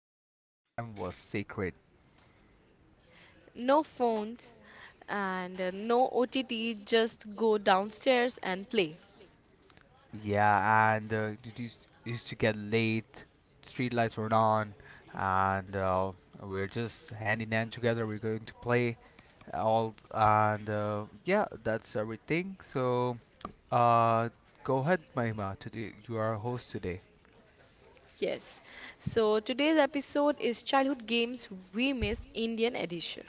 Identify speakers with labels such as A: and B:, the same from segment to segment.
A: evening playtime was sacred.
B: No phones and no OTT, just go downstairs and play.
A: Yeah, and it used to get late, street lights were on, and we're just hand in hand together. We're going to play all, and yeah, that's everything. So, uh, go ahead, Mahima. Today you are our host today.
B: Yes. So, today's episode is Childhood Games We Miss Indian Edition.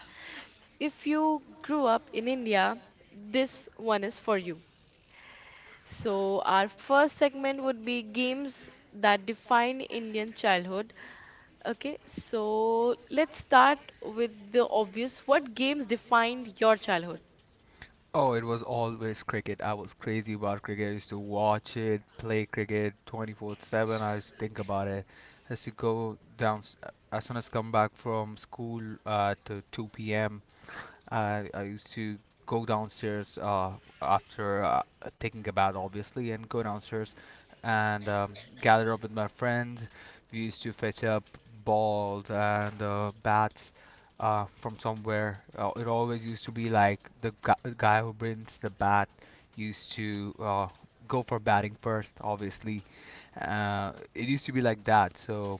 B: If you grew up in India, this one is for you. So, our first segment would be games that define Indian childhood. Okay, so let's start with the obvious. What games defined your childhood?
A: Oh, it was always cricket. I was crazy about cricket. I used to watch it, play cricket 24/7. I used to think about it. I used to go down as soon as come back from school at to 2 p.m. I used to go downstairs after taking a bath, obviously, and go downstairs and gather up with my friends. We used to fetch up balls and bats from somewhere. It always used to be like the guy who brings the bat used to go for batting first, obviously. It used to be like that, so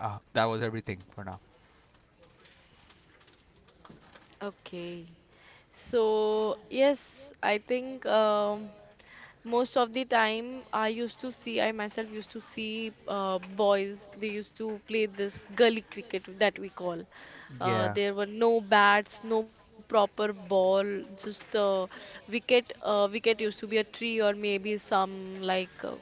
A: that was everything for now.
B: Okay. So, yes, I think most of the time I myself used to see boys, they used to play this gully cricket that we call.
A: Yeah.
B: There were no bats, no proper ball, just wicket. Wicket used to be a tree or maybe some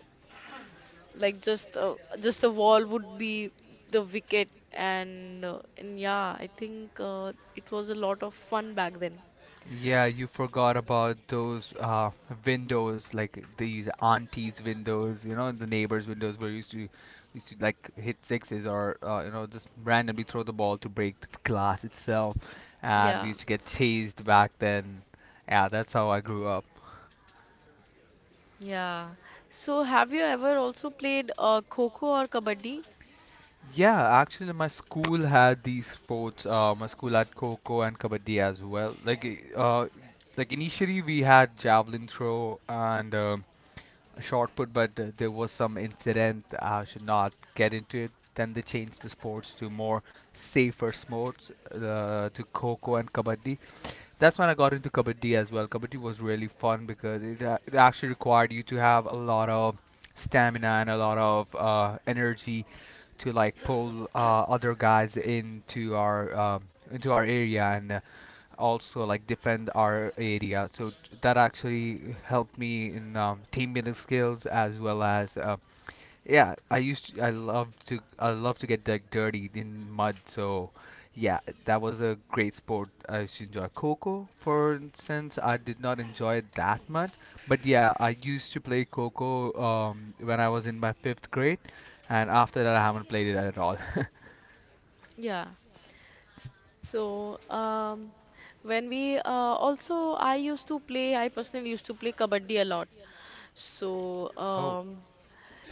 B: like just a wall would be the wicket and and yeah, I think it was a lot of fun back then.
A: Yeah, you forgot about those windows, like these aunties' windows, you know, the neighbors' windows where you used to used to like hit sixes or you know just randomly throw the ball to break the glass itself, and we
B: Yeah,
A: used to get chased back then. Yeah, that's how I grew up.
B: yeah. So, have you ever also played kho-kho or kabaddi?
A: Yeah, actually, my school had these sports. My school had Coco and Kabaddi as well. Like, like initially we had javelin throw and a shot put, but there was some incident. I should not get into it. Then they changed the sports to more safer sports, to Coco and Kabaddi. That's when I got into Kabaddi as well. Kabaddi was really fun because it, it actually required you to have a lot of stamina and a lot of energy to like pull other guys into our area and also like defend our area. So that actually helped me in team building skills as well as yeah. I love to get like dirty in mud. So yeah, that was a great sport. I used to enjoy Coco, for instance. I did not enjoy it that much, but yeah, I used to play Coco when I was in my fifth grade, and after that I haven't played it at all.
B: Yeah. So, when we uh, I used to play, I personally used to play kabaddi a lot. So,
A: Oh.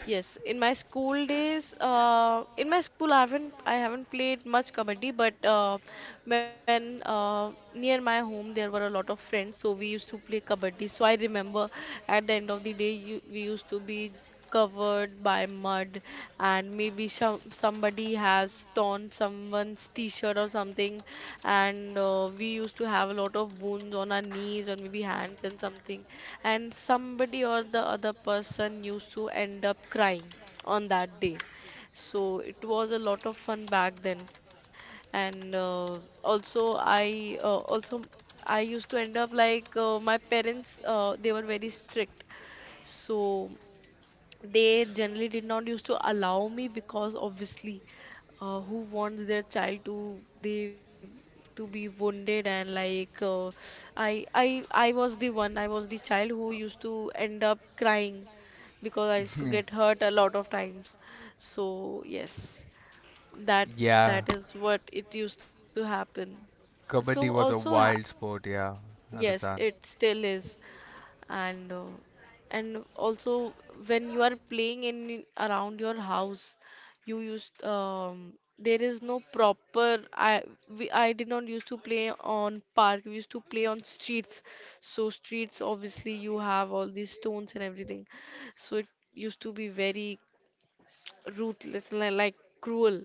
B: yes, in my school days, in my school, I haven't played much kabaddi, but when near my home there were a lot of friends, so we used to play kabaddi. So I remember at the end of the day, we used to be covered by mud, and maybe some somebody has torn someone's t-shirt or something, and we used to have a lot of wounds on our knees or maybe hands and something, and somebody or the other person used to end up crying on that day. So it was a lot of fun back then, and also I used to end up my parents they were very strict, so they generally did not used to allow me because obviously who wants their child to be wounded and like I was the one, I was the child who used to end up crying because I used to get hurt a lot of times, so yes, that
A: Yeah.
B: that is what it used to happen. So
A: Kabaddi
B: also
A: was a
B: ha,
A: wild sport, yeah. I
B: yes,
A: understand.
B: it still is. And also, when you are playing in around your house, you used there is no proper, I did not used to play on park, we used to play on streets. So streets obviously you have all these stones and everything, so it used to be very like cruel,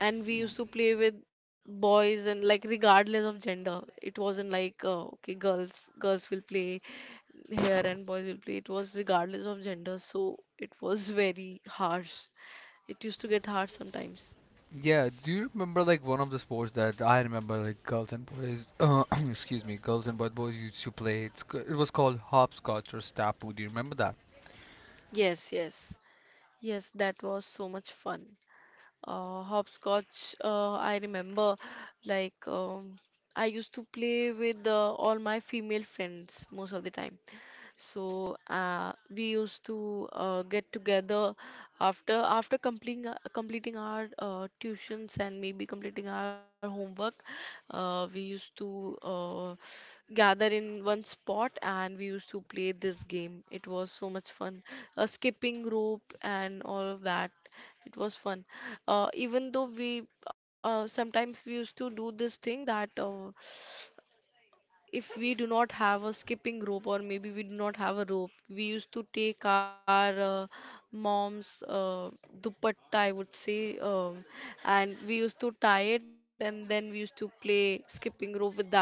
B: and we used to play with boys and like regardless of gender. It wasn't like okay, girls will play here and boys will play. It was regardless of gender, so it was very harsh, it used to get hard sometimes.
A: Yeah, do you remember like one of the sports that I remember like girls and boys, excuse me, girls and boys used to play? It's, it was called hopscotch or stapu. Do you remember that?
B: Yes, yes, yes, that was so much fun. Hopscotch, I remember, like I used to play with all my female friends most of the time. So we used to get together after completing completing our tuitions and maybe completing our homework. We used to gather in one spot and we used to play this game. It was so much fun. Skipping rope and all of that. It was fun. Even though we sometimes we used to do this thing that if we do not have a skipping rope or maybe we do not have a rope, we used to take our mom's dupatta, I would say, and we used to tie it and then we used to play skipping rope with that.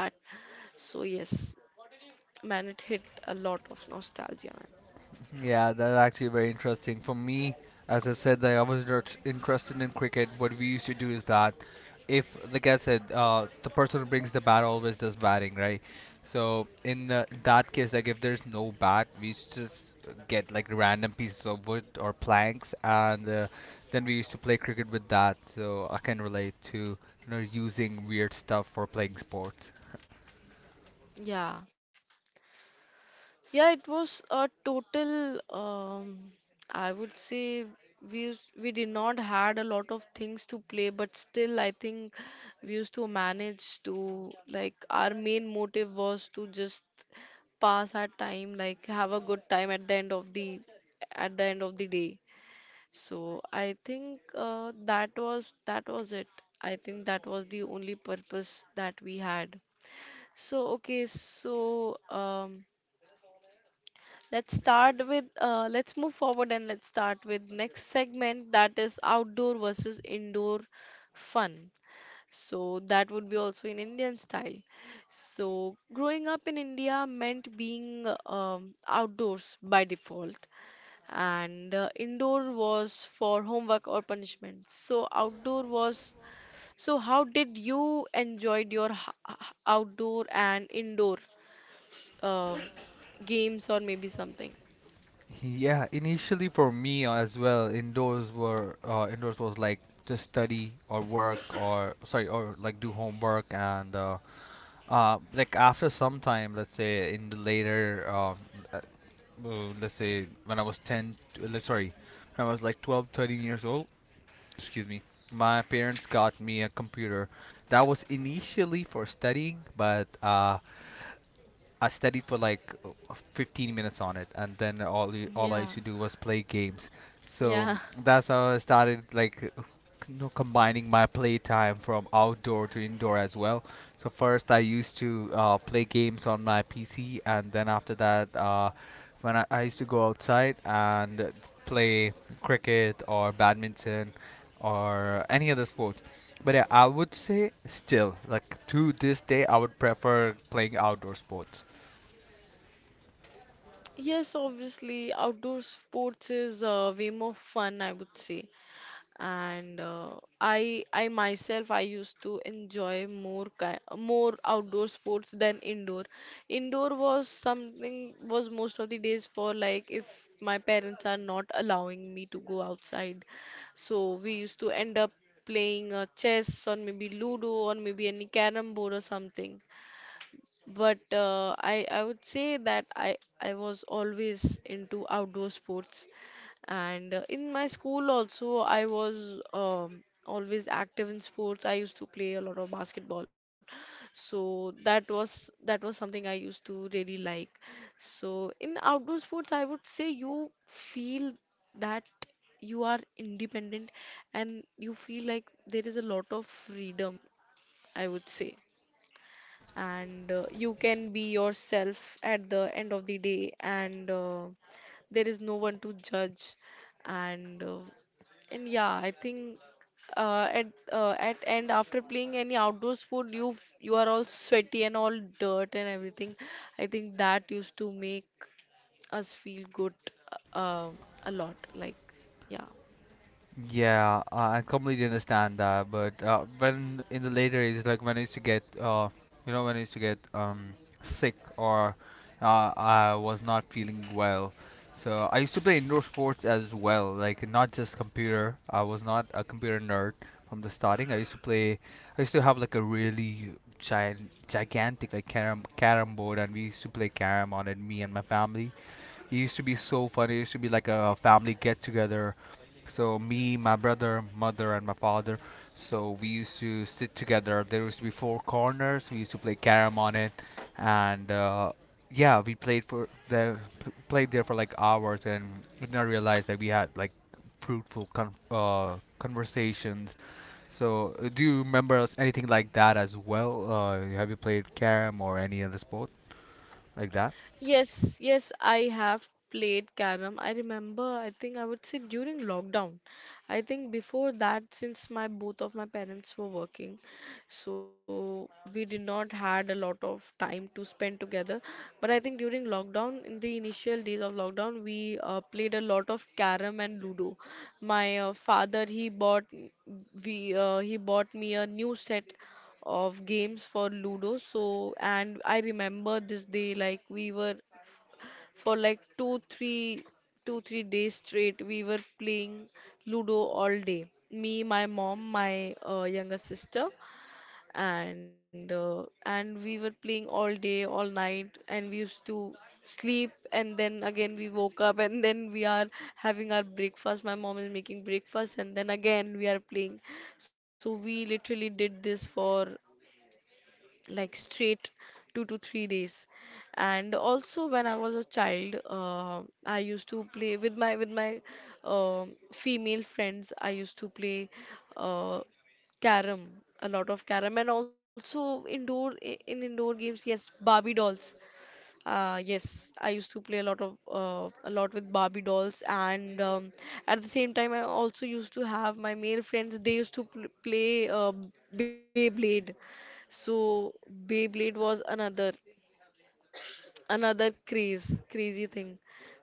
B: So yes, man, it hit a lot of nostalgia, man.
A: Yeah, that's actually very interesting. For me, as I said, that I was not interested in cricket. What we used to do is that if, like I said, the person who brings the bat always does batting, right? So in that case, like if there's no bat, we used to just get like random pieces of wood or planks, and then we used to play cricket with that. So I can relate to you know using weird stuff for playing sports.
B: Yeah. Yeah, it was a total. I would say we did not had a lot of things to play, but still I think we used to manage to, like, our main motive was to just pass our time, like have a good time at the end of the day. So I think that was it. I think that was the only purpose that we had. So okay, so let's start with let's move forward and let's start with next segment, that is outdoor versus indoor fun. So that would be also in Indian style. So growing up in India meant being outdoors by default, and indoor was for homework or punishment. So outdoor was. So how did you enjoyed your outdoor and indoor um games or maybe something?
A: Yeah, initially for me as well, indoors was like just study or work or sorry or like do homework and like after some time, let's say in the later uh, let's say when I was 10 to- like, sorry, when I was like 12, 13 years old, excuse me. My parents got me a computer. That was initially for studying, but I studied for like 15 minutes on it, and then all I used to
B: Yeah.
A: do was play games. So
B: Yeah.
A: that's how I started like you know, combining my playtime from outdoor to indoor as well. So first I used to play games on my PC, and then after that, I used to go outside and play cricket or badminton or any other sports. But yeah, I would say still, like to this day, I would prefer playing outdoor sports.
B: Yes, obviously, outdoor sports is way more fun, I would say. And I myself, I used to enjoy more ki more outdoor sports than indoor. Indoor was something, was most of the days, for like if my parents are not allowing me to go outside, so we used to end up playing chess or maybe Ludo or maybe any carrom board or something. But I would say that I was always into outdoor sports, and in my school also I was always active in sports. I used to play a lot of basketball, so that was, that was something I used to really like. So in outdoor sports, I would say you feel that you are independent and you feel like there is a lot of freedom, I would say, and you can be yourself at the end of the day, and there is no one to judge and yeah, I think uh, at at end after playing any outdoor sport, you are all sweaty and all dirt and everything. I think that used to make us feel good uh, a lot, like, yeah.
A: Yeah, I completely understand that. But when in the later ages, like when I used to get, you know, when I used to get sick or I was not feeling well, so I used to play indoor sports as well. Like not just computer. I was not a computer nerd from the starting. I used to play. I used to have like a really giant, gigantic like carom board, and we used to play carom on it, me and my family. It used to be so funny. It used to be like a family get together. So me, my brother, mother, and my father. So we used to sit together. There used to be four corners. We used to play carom on it, and yeah, we played for the played there for like hours, and did not realize that we had like fruitful conversations. So do you remember anything like that as well? Have you played carom or any other sport like that?
B: Yes, yes, I have played carrom. I remember, I think I would say during lockdown. I think before that, since my both of my parents were working, so we did not had a lot of time to spend together. But I think during lockdown, in the initial days of lockdown, we played a lot of carrom and ludo. My father, he bought we he bought me a new set of games for Ludo. So, and I remember this day, like we were for like two, three days straight, we were playing Ludo all day. Me, my mom, my younger sister, and we were playing all day, all night, and we used to sleep and then again we woke up and then we are having our breakfast, my mom is making breakfast, and then again we are playing. So we literally did this for like straight two to three days. And also when I was a child, I used to play with my female friends. I used to play uh, carom, a lot of carom, and also indoor in indoor games. Yes, Barbie dolls. Yes, I used to play a lot of a lot with Barbie dolls, and at the same time, I also used to have my male friends. They used to pl play Beyblade, so Beyblade was another craze crazy thing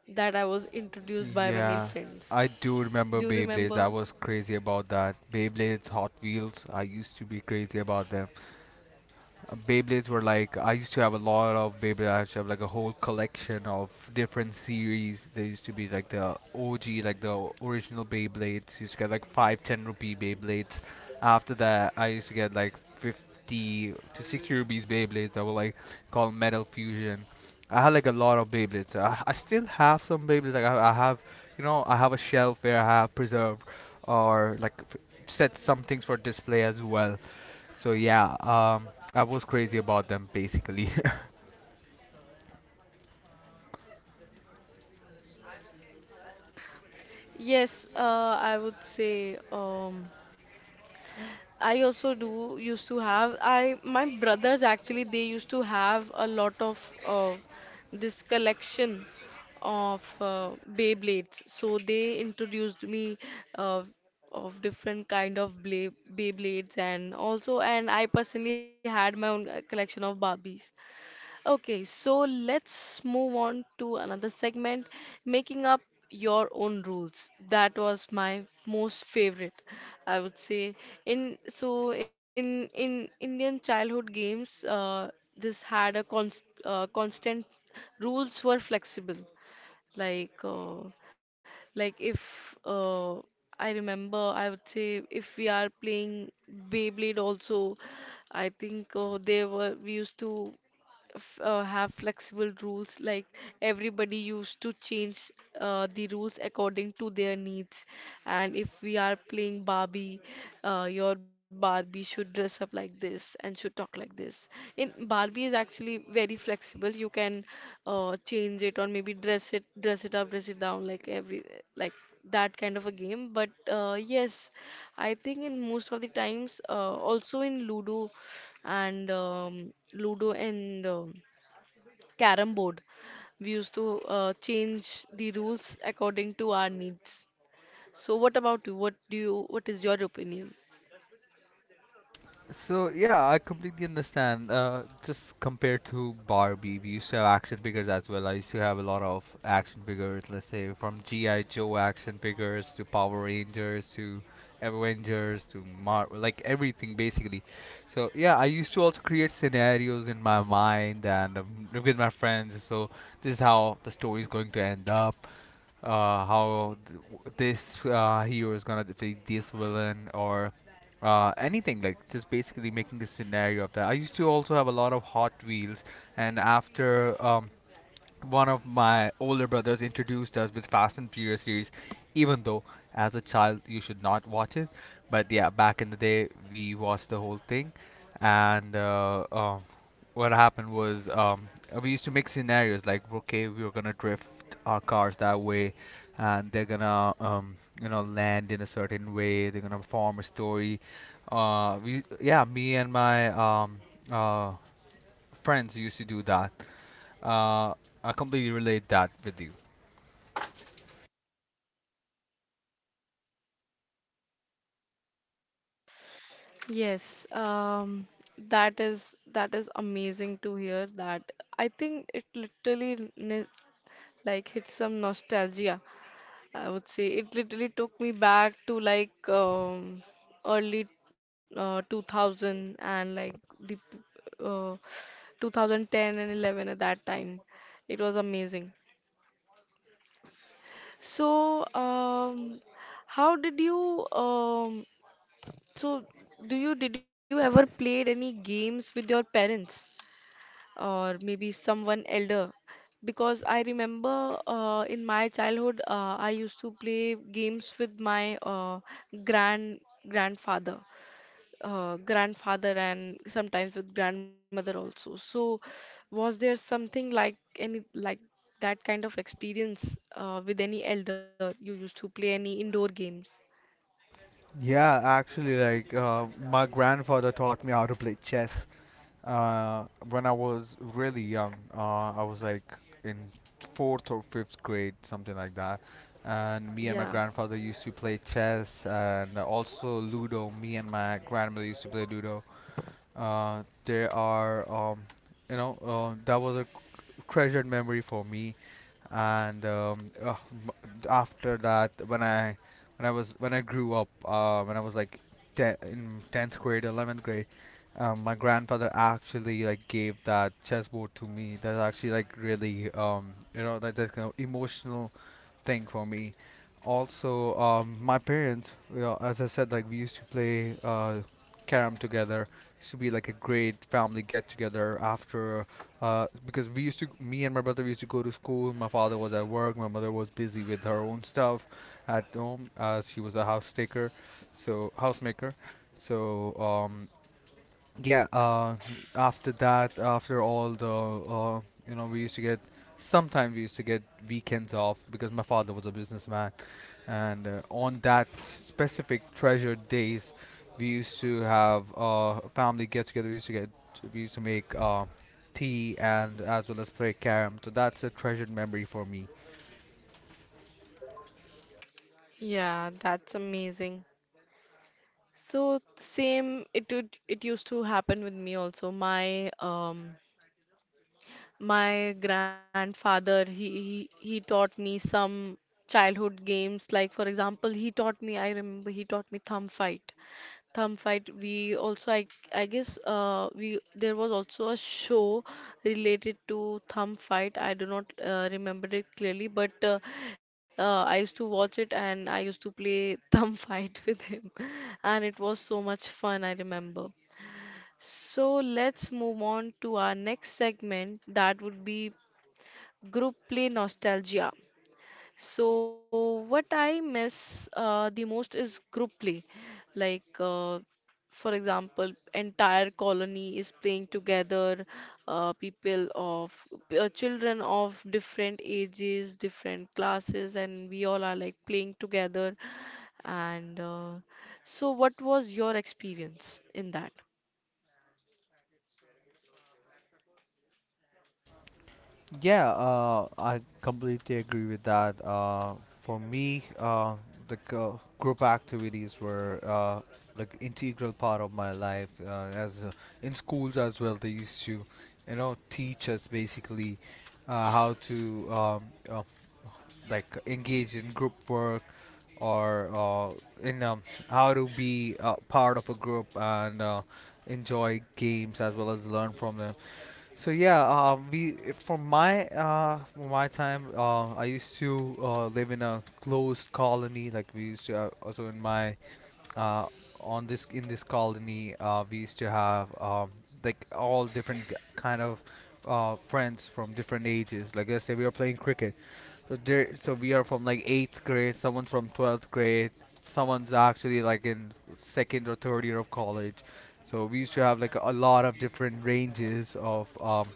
B: that I was introduced by my
A: Yeah,
B: male
A: I
B: friends.
A: do remember
B: Do you
A: Beyblades. I
B: remember?
A: was crazy about that. Beyblades, Hot Wheels, I used to be crazy about them. Beyblades were like I used to have a lot of Beyblades. I used to have like a whole collection of different series. There used to be like the OG, like the original Beyblades. Used to get like five, ten rupee Beyblades. After that, I used to get like 50 to 60 rupees Beyblades that were like called Metal Fusion. I had like a lot of Beyblades. I still have some Beyblades. Like I have, you know, I have a shelf where I have preserved or like set some things for display as well. So yeah, I was crazy about them basically.
B: Yes, I would say, um, I also do used to have, I my brothers actually, they used to have a lot of this collection of Beyblades. So they introduced me uh, of different kind of Beyblades, and also, and I personally had my own collection of Barbies. Okay, so let's move on to another segment, making up your own rules. That was my most favorite, I would say. In so, in Indian childhood games, this had a const, constant rules were flexible. Like if I remember, I would say if we are playing Beyblade also, I think they were we used to have flexible rules, like everybody used to change the rules according to their needs. And if we are playing Barbie, your Barbie should dress up like this and should talk like this. In Barbie is actually very flexible, you can change it or maybe dress it up, dress it down, like every, like that kind of a game. But yes, I think in most of the times also in ludo and Ludo and Carrom board, we used to change the rules according to our needs. So what about you? What is your opinion?
A: So yeah, I completely understand. Just compared to Barbie, we used to have action figures as well. I used to have a lot of action figures. Let's say from GI Joe action figures to Power Rangers to Avengers to Mar, like everything basically. So yeah, I used to also create scenarios in my mind and with my friends. So this is how the story is going to end up. This hero is gonna defeat this villain or anything like just basically making a scenario of that. I used to also have a lot of Hot Wheels, and after one of my older brothers introduced us with Fast and Furious series, even though as a child you should not watch it. But yeah, back in the day we watched the whole thing, and what happened was we used to make scenarios like, okay, we were gonna drift our cars that way, and they're gonna you know land in a certain way. They're gonna form a story. Me and my uh, friends used to do that uh, I completely relate that with you.
B: Yes, that is, that is amazing to hear that. I think it literally like hits some nostalgia, I would say. It literally took me back to like early 2000 and like the uh, 2010 and 11 at that time. It was amazing. So, how did you so do you did you ever played any games with your parents? Or maybe someone elder, because I remember in my childhood I used to play games with my grand grandfather, grandfather and sometimes with grandmother also. So was there something like any like that kind of experience with any elder? You used to play any indoor games?
A: Yeah, actually, like my grandfather taught me how to play chess uh, when I was really young. I was like in fourth or fifth grade, something like that. And me and my
B: Yeah.
A: grandfather used to play chess and also Ludo. Me and my grandmother used to play Ludo. There are, you know, that was a treasured memory for me and after that when I grew up when I was like ten, in 10th grade 11th grade my grandfather actually like gave that chessboard to me. That's actually like really you know that's kind of emotional thing for me. Also my parents you know, as I said like we used to play carom together. Used to be like a great family get together after because we used to, me and my brother, we used to go to school. My father was at work. My mother was busy with her own stuff at home. As she was a housemaker. So yeah after that after all the you know we used to get sometimes we used to get weekends off because my father was a businessman, and on that specific treasured days we used to have family get together. We used to make tea and as well as play carom. So that's a treasured memory for me.
B: Yeah, that's amazing. So same it would it used to happen with me also. My my grandfather he taught me some childhood games. Like for example he taught me, I remember he taught me thumb fight, thumb fight we also I guess we, there was also a show related to thumb fight. I do not remember it clearly, but I used to watch it and I used to play thumb fight with him, and it was so much fun I remember. So let's move on to our next segment, that would be group play nostalgia. So, what I miss the most is group play. Like, for example, entire colony is playing together, uh, people of children of different ages, different classes, and we all are like playing together. And so, what was your experience in that?
A: Yeah, I completely agree with that. For me, the group activities were like integral part of my life. As in schools as well, they used to, you know, teach us basically how to uh, like engage in group work or in how to be part of a group and enjoy games as well as learn from them. So yeah, we for my time, I used to live in a closed colony. Like we used to also in my uh, on this in this colony, we used to have like all different kind of friends from different ages. Like let's say we are playing cricket, so we are from like eighth grade. Someone's from 12th grade. Someone's actually like in second or third year of college. So we used to have like a lot of different ranges of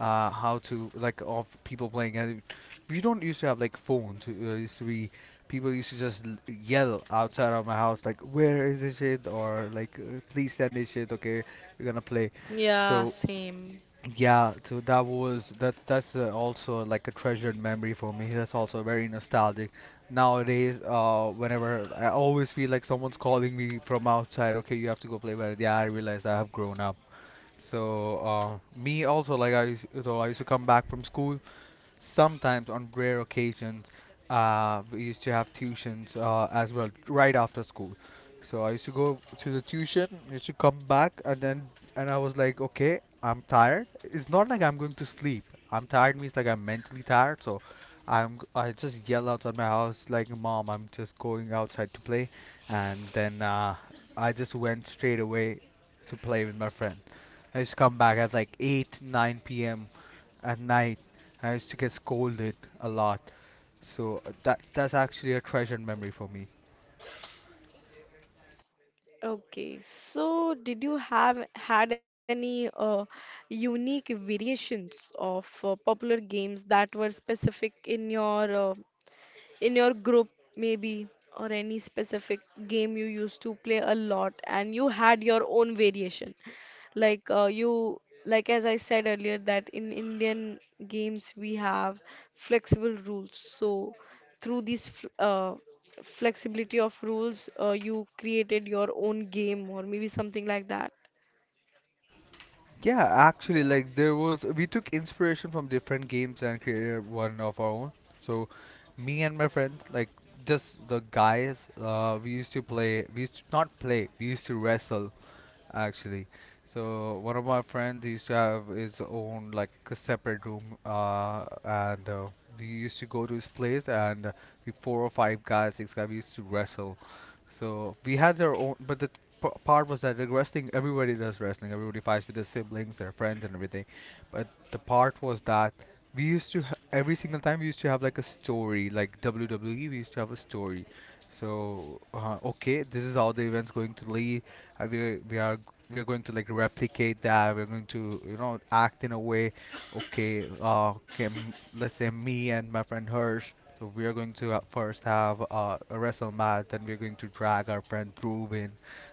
A: how to like of people playing. And we don't used to have like phones. It used to be people used to just yell outside of my house like, "Where is this shit?" or like, "Please send this shit." Okay, we're gonna play.
B: Yeah,
A: So
B: same.
A: yeah, so that was that. That's also like a treasured memory for me. That's also very nostalgic. Nowadays, whenever I always feel like someone's calling me from outside, okay, you have to go play. But yeah, I realize I have grown up. So I used to come back from school sometimes, on rare occasions. We used to have tuitions as well right after school. So I used to go to the tuition, used to come back, and I was like, okay, I'm tired. It's not like I'm going to sleep. I'm tired means like I'm mentally tired. So I just yell outside my house like, mom, I'm just going outside to play, and then I just went straight away to play with my friend. I used to come back at like 8, 9 p.m at night. I used to get scolded a lot. So that's actually a treasured memory for me.
B: Okay, so did you have had any unique variations of popular games that were specific in your group, maybe, or any specific game you used to play a lot and you had your own variation? Like you like as I said earlier, that in Indian games we have flexible rules, so through this flexibility of rules you created your own game, or maybe something like that.
A: Yeah, actually, like there was we took inspiration from different games and created one of our own. So me and my friends, like just the guys, we used to play. We used to not play. We used to wrestle actually. So one of my friends used to have his own like a separate room, and we used to go to his place, and we four or five guys, six guys, we used to wrestle. So we had our own, but the part was that the wrestling, everybody does wrestling. Everybody fights with their siblings, their friends, and everything. But the part was that we used to ha- every single time we used to have like a story, like WWE. We used to have a story. So okay, this is how the event's going to lead. Uh, we we are we are going to like replicate that. We're going to, you know, act in a way. Okay, uh, Let's say me and my friend Hirsch. So we are going to first have a wrestle match, then we're going to drag our friend Ruben.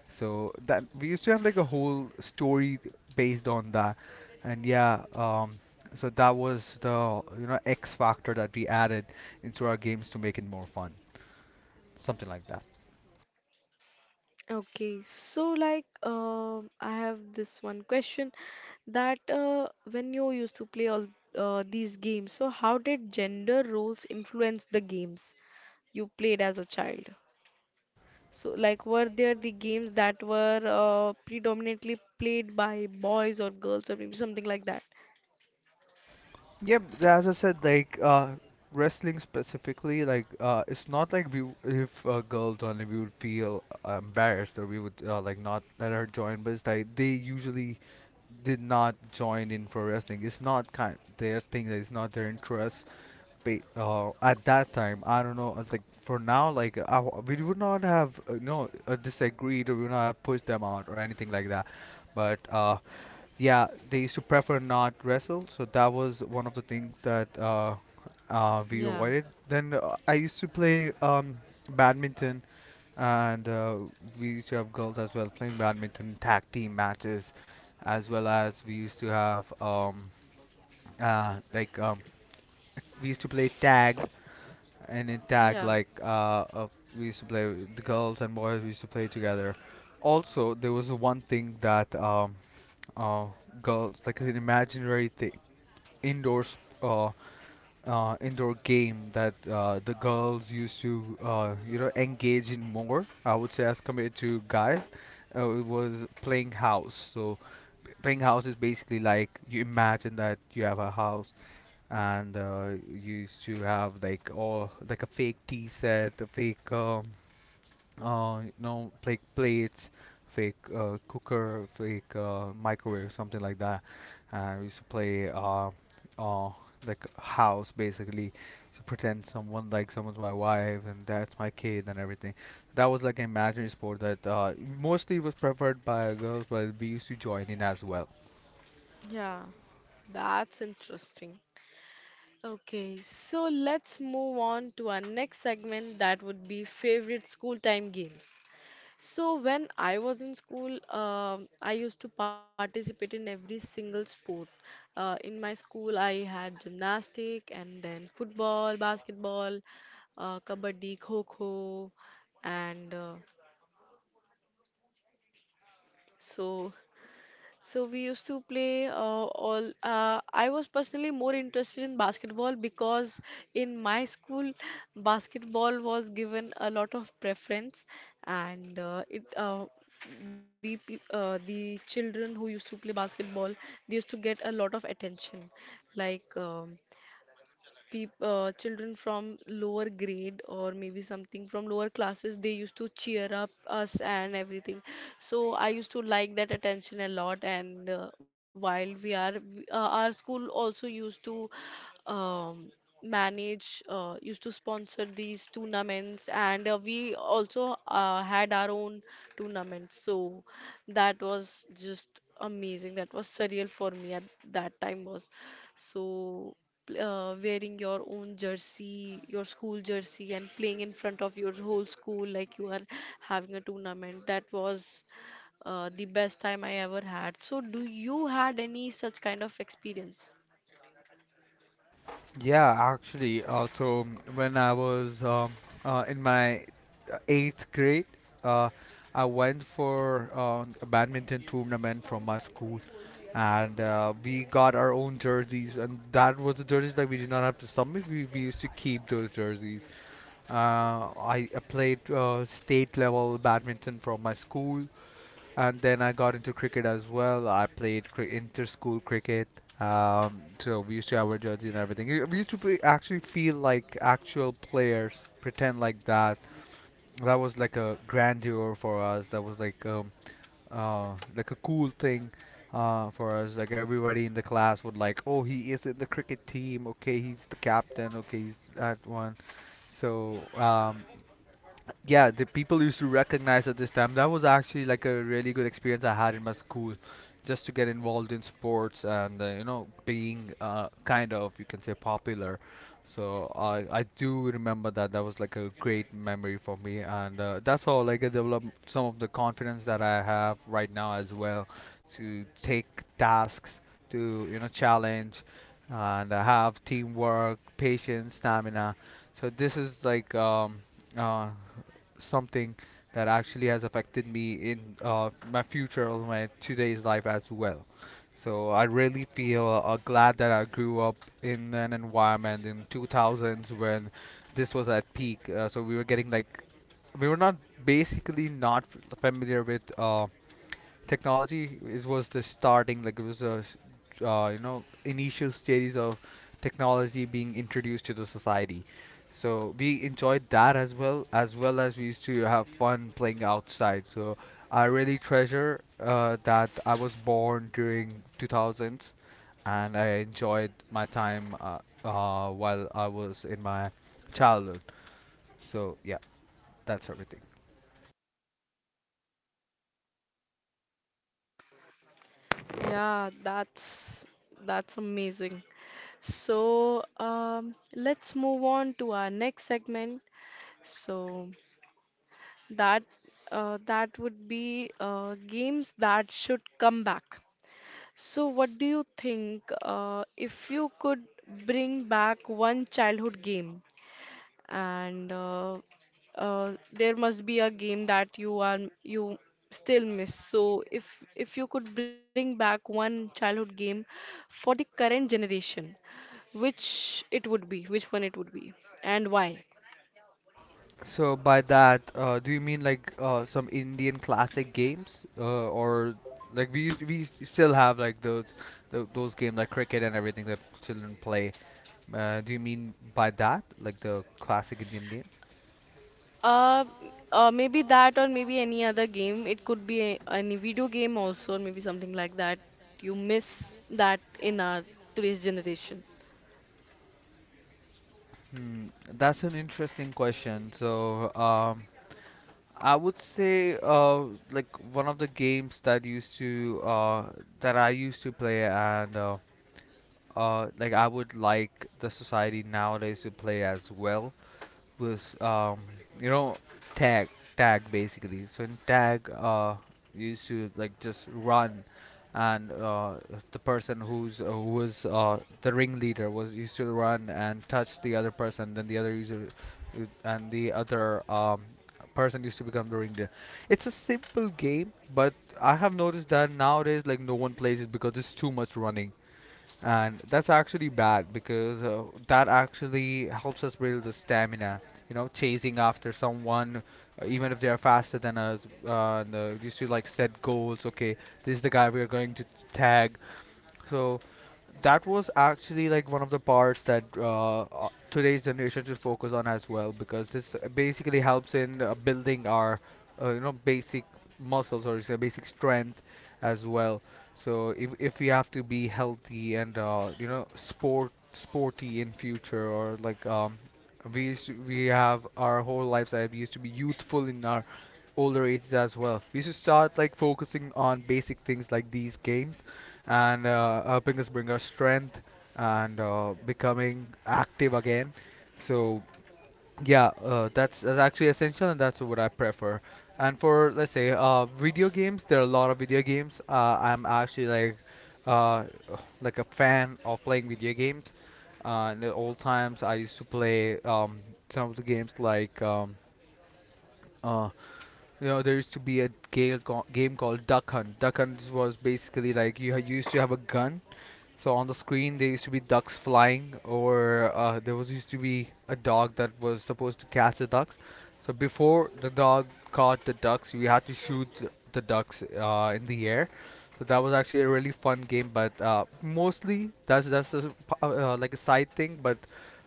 A: So that we used to have like a whole story based on that, and so that was the, you know, X factor that we added into our games to make it more fun, something like that.
B: Okay, so like I have this one question that when you used to play all these games, so how did gender roles influence the games you played as a child? So like were there the games that were predominantly played by boys or girls, or maybe something like that?
A: Yep, as I said, like wrestling specifically, like it's not like we, if a girl joined, we would feel embarrassed or we would like not let her join. But it's like they usually did not join in for wrestling. It's not kind their thing. That it's not their interest. At that time, I don't know. It's like for now, like we would not have no disagreed or we would not have pushed them out or anything like that. But yeah, they used to prefer not wrestle, so that was one of the things that we
B: Yeah,
A: avoided. Then I used to play badminton, and we used to have girls as well playing badminton, tag team matches, as well as we used to have uh, like um, we used to play tag, and in
B: yeah,
A: tag like we used to play, the girls and boys we used to play together. Also, there was one thing that uh, girls, like an imaginary thing, indoor sp- uh, indoor game that the girls used to, you know, engage in more. I would say as compared to guys, it was playing house. So playing house is basically like you imagine that you have a house and you used to have like all like a fake tea set, a fake you know, fake plates, fake cooker, fake microwave, something like that. And we used to play uh, like house basically, to pretend someone, like someone's my wife and that's my kid and everything. That was like an imaginary sport that mostly was preferred by girls, but we used to join in as well.
B: yeah. That's interesting. Okay, so let's move on to our next segment, that would be favorite school time games. So when I was in school, I used to participate in every single sport. In my school, I had gymnastic and then football, basketball, kabaddi, kho-kho, and so so we used to play all. I was personally more interested in basketball because in my school, basketball was given a lot of preference, and the children who used to play basketball, they used to get a lot of attention. Like people, children from lower grade or maybe something from lower classes, they used to cheer up us and everything. So I used to like that attention a lot. And while we are our school also used to um, manage, used to sponsor these tournaments, and we also had our own tournaments. So that was just amazing, that was surreal for me at that time. Was so, wearing your own jersey, your school jersey, and playing in front of your whole school like you are having a tournament, that was the best time I ever had. So, do you had any such kind of experience?
A: Yeah, actually, when I was in my eighth grade, uh, I went for a badminton tournament from my school, and we got our own jerseys, and that was the jerseys that we did not have to submit. We used to keep those jerseys. Uh, I played state level badminton from my school. And then I got into cricket as well. I played inter-school cricket. So we used to have our jersey and everything. We used to actually feel like actual players, pretend like that. That was like a grandeur for us. That was like a cool thing for us. Like everybody in the class would like, oh, he is in the cricket team. Okay, he's the captain. Okay, he's that one. So yeah, the people used to recognize at this time. That was actually like a really good experience I had in my school, just to get involved in sports and, you know, being kind of, you can say, popular. So I do remember that was like a great memory for me, and that's how like I developed some of the confidence that I have right now as well, to take tasks, to, you know, challenge, and I have teamwork, patience, stamina. So this is like uh, something that actually has affected me in my future or my today's life as well. So I really feel glad that I grew up in an environment in 2000s when this was at peak. So we were getting like, we were not basically not familiar with technology. It was the starting, like it was a, you know, initial stages of technology being introduced to the society, so we enjoyed that as well, as well as we used to have fun playing outside. So I really treasure that I was born during 2000s and I enjoyed my time while I was in my childhood. So yeah, that's everything.
B: Yeah, that's amazing. So, let's move on to our next segment. So that that would be games that should come back. So, what do you think if you could bring back one childhood game, and there must be a game that you still miss. So, if you could bring back one childhood game for the current generation, which it would be, which one it would be, and why?
A: So by that, do you mean like some Indian classic games, or like we used- we s- still have like those games like cricket and everything that children play? Do you mean by that like the classic Indian games?
B: Uh, Maybe that, or maybe any other game. It could be a, any video game also, or maybe something like that. You miss that in our today's generation.
A: Hmm, that's an interesting question. So I would say like one of the games that used to that I used to play and, like I would like the society nowadays to play as well with you know, tag tag basically. So in tag, you used to like just run, and the person who was the ringleader was used to run and touch the other person. Then the other user would- and the other person used to become the ringleader. It's a simple game, but I have noticed that nowadays like no one plays it because it's too much running, and that's actually bad because that actually helps us build the stamina, you know, chasing after someone, even if they are faster than us, and used to like set goals. Okay, this is the guy we are going to tag. So that was actually like one of the parts that today's generation should focus on as well, because this basically helps in building our, you know, basic muscles or say basic strength as well. So if we have to be healthy and, you know, sporty in future, or like we used to, we have our whole lives that we used to be youthful in our older ages as well, we should start like focusing on basic things like these games and helping us bring our strength and becoming active again. So yeah, that's actually essential, and that's what I prefer. And for let's say video games, there are a lot of video games. I'm actually uh, like a fan of playing video games. In the old times, I used to play some of the games like uh, you know, there used to be game called Duck Hunt. Duck Hunt was basically like you, you used to have a gun, so on the screen there used to be ducks flying, or there was used to be a dog that was supposed to catch the ducks. So before the dog caught the ducks, you had to shoot the ducks in the air. So that was actually a really fun game, but mostly that's just like a side thing. But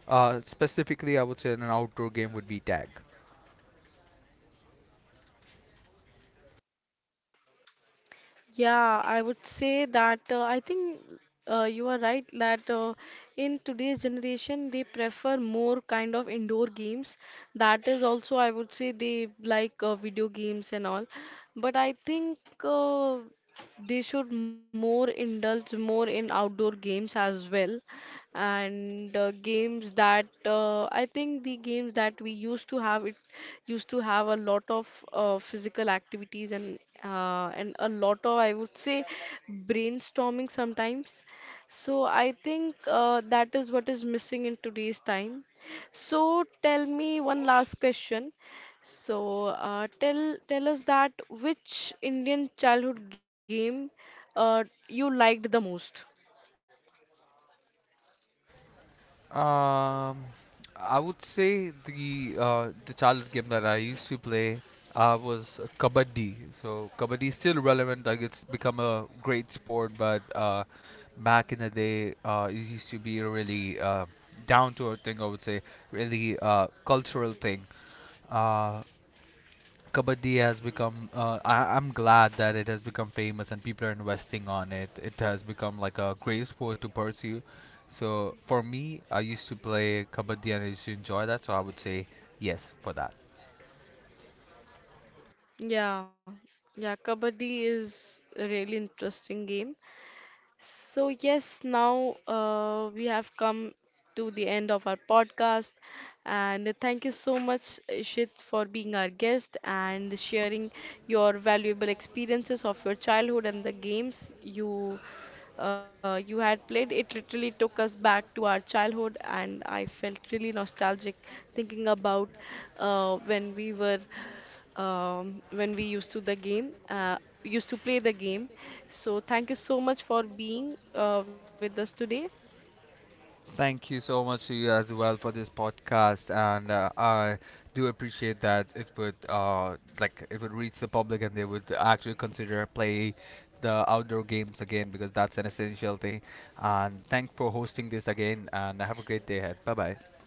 A: specifically I would say an outdoor game would be tag.
B: Yeah, I would say that I think you are right that in today's generation they prefer more kind of indoor games. That is also, I would say they like video games and all. But I think uh, they should more indulge more in outdoor games as well, and games that, I think the games that we used to have, it used to have a lot of physical activities and a lot of, I would say, brainstorming sometimes. So I think that is what is missing in today's time. So tell me one last question. So, tell us that, which Indian childhood game uh, you liked the most?
A: Um, I would say the childhood game that I used to play was kabaddi. So kabaddi is still relevant. Like it's become a great sport, but back in the day, it used to be a really down to earth thing. I would say really cultural thing. Uh, Kabaddi has become. I'm glad that it has become famous and people are investing on it. It has become like a great sport to pursue. So for me, I used to play Kabaddi and I used to enjoy that. So I would say yes for that.
B: Yeah, yeah, Kabaddi is a really interesting game. So yes, now we have come to the end of our podcast, and thank you so much, Ishit, for being our guest and sharing your valuable experiences of your childhood and the games you you had played. It literally took us back to our childhood, and I felt really nostalgic thinking about when we were, when we used to used to play the game. So thank you so much for being with us today.
A: Thank you so much to you as well for this podcast, and I do appreciate that it would like it would reach the public and they would actually consider play the outdoor games again, because that's an essential thing. And thank for hosting this again, and have a great day ahead. Bye bye.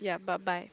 B: Yeah, bye bye.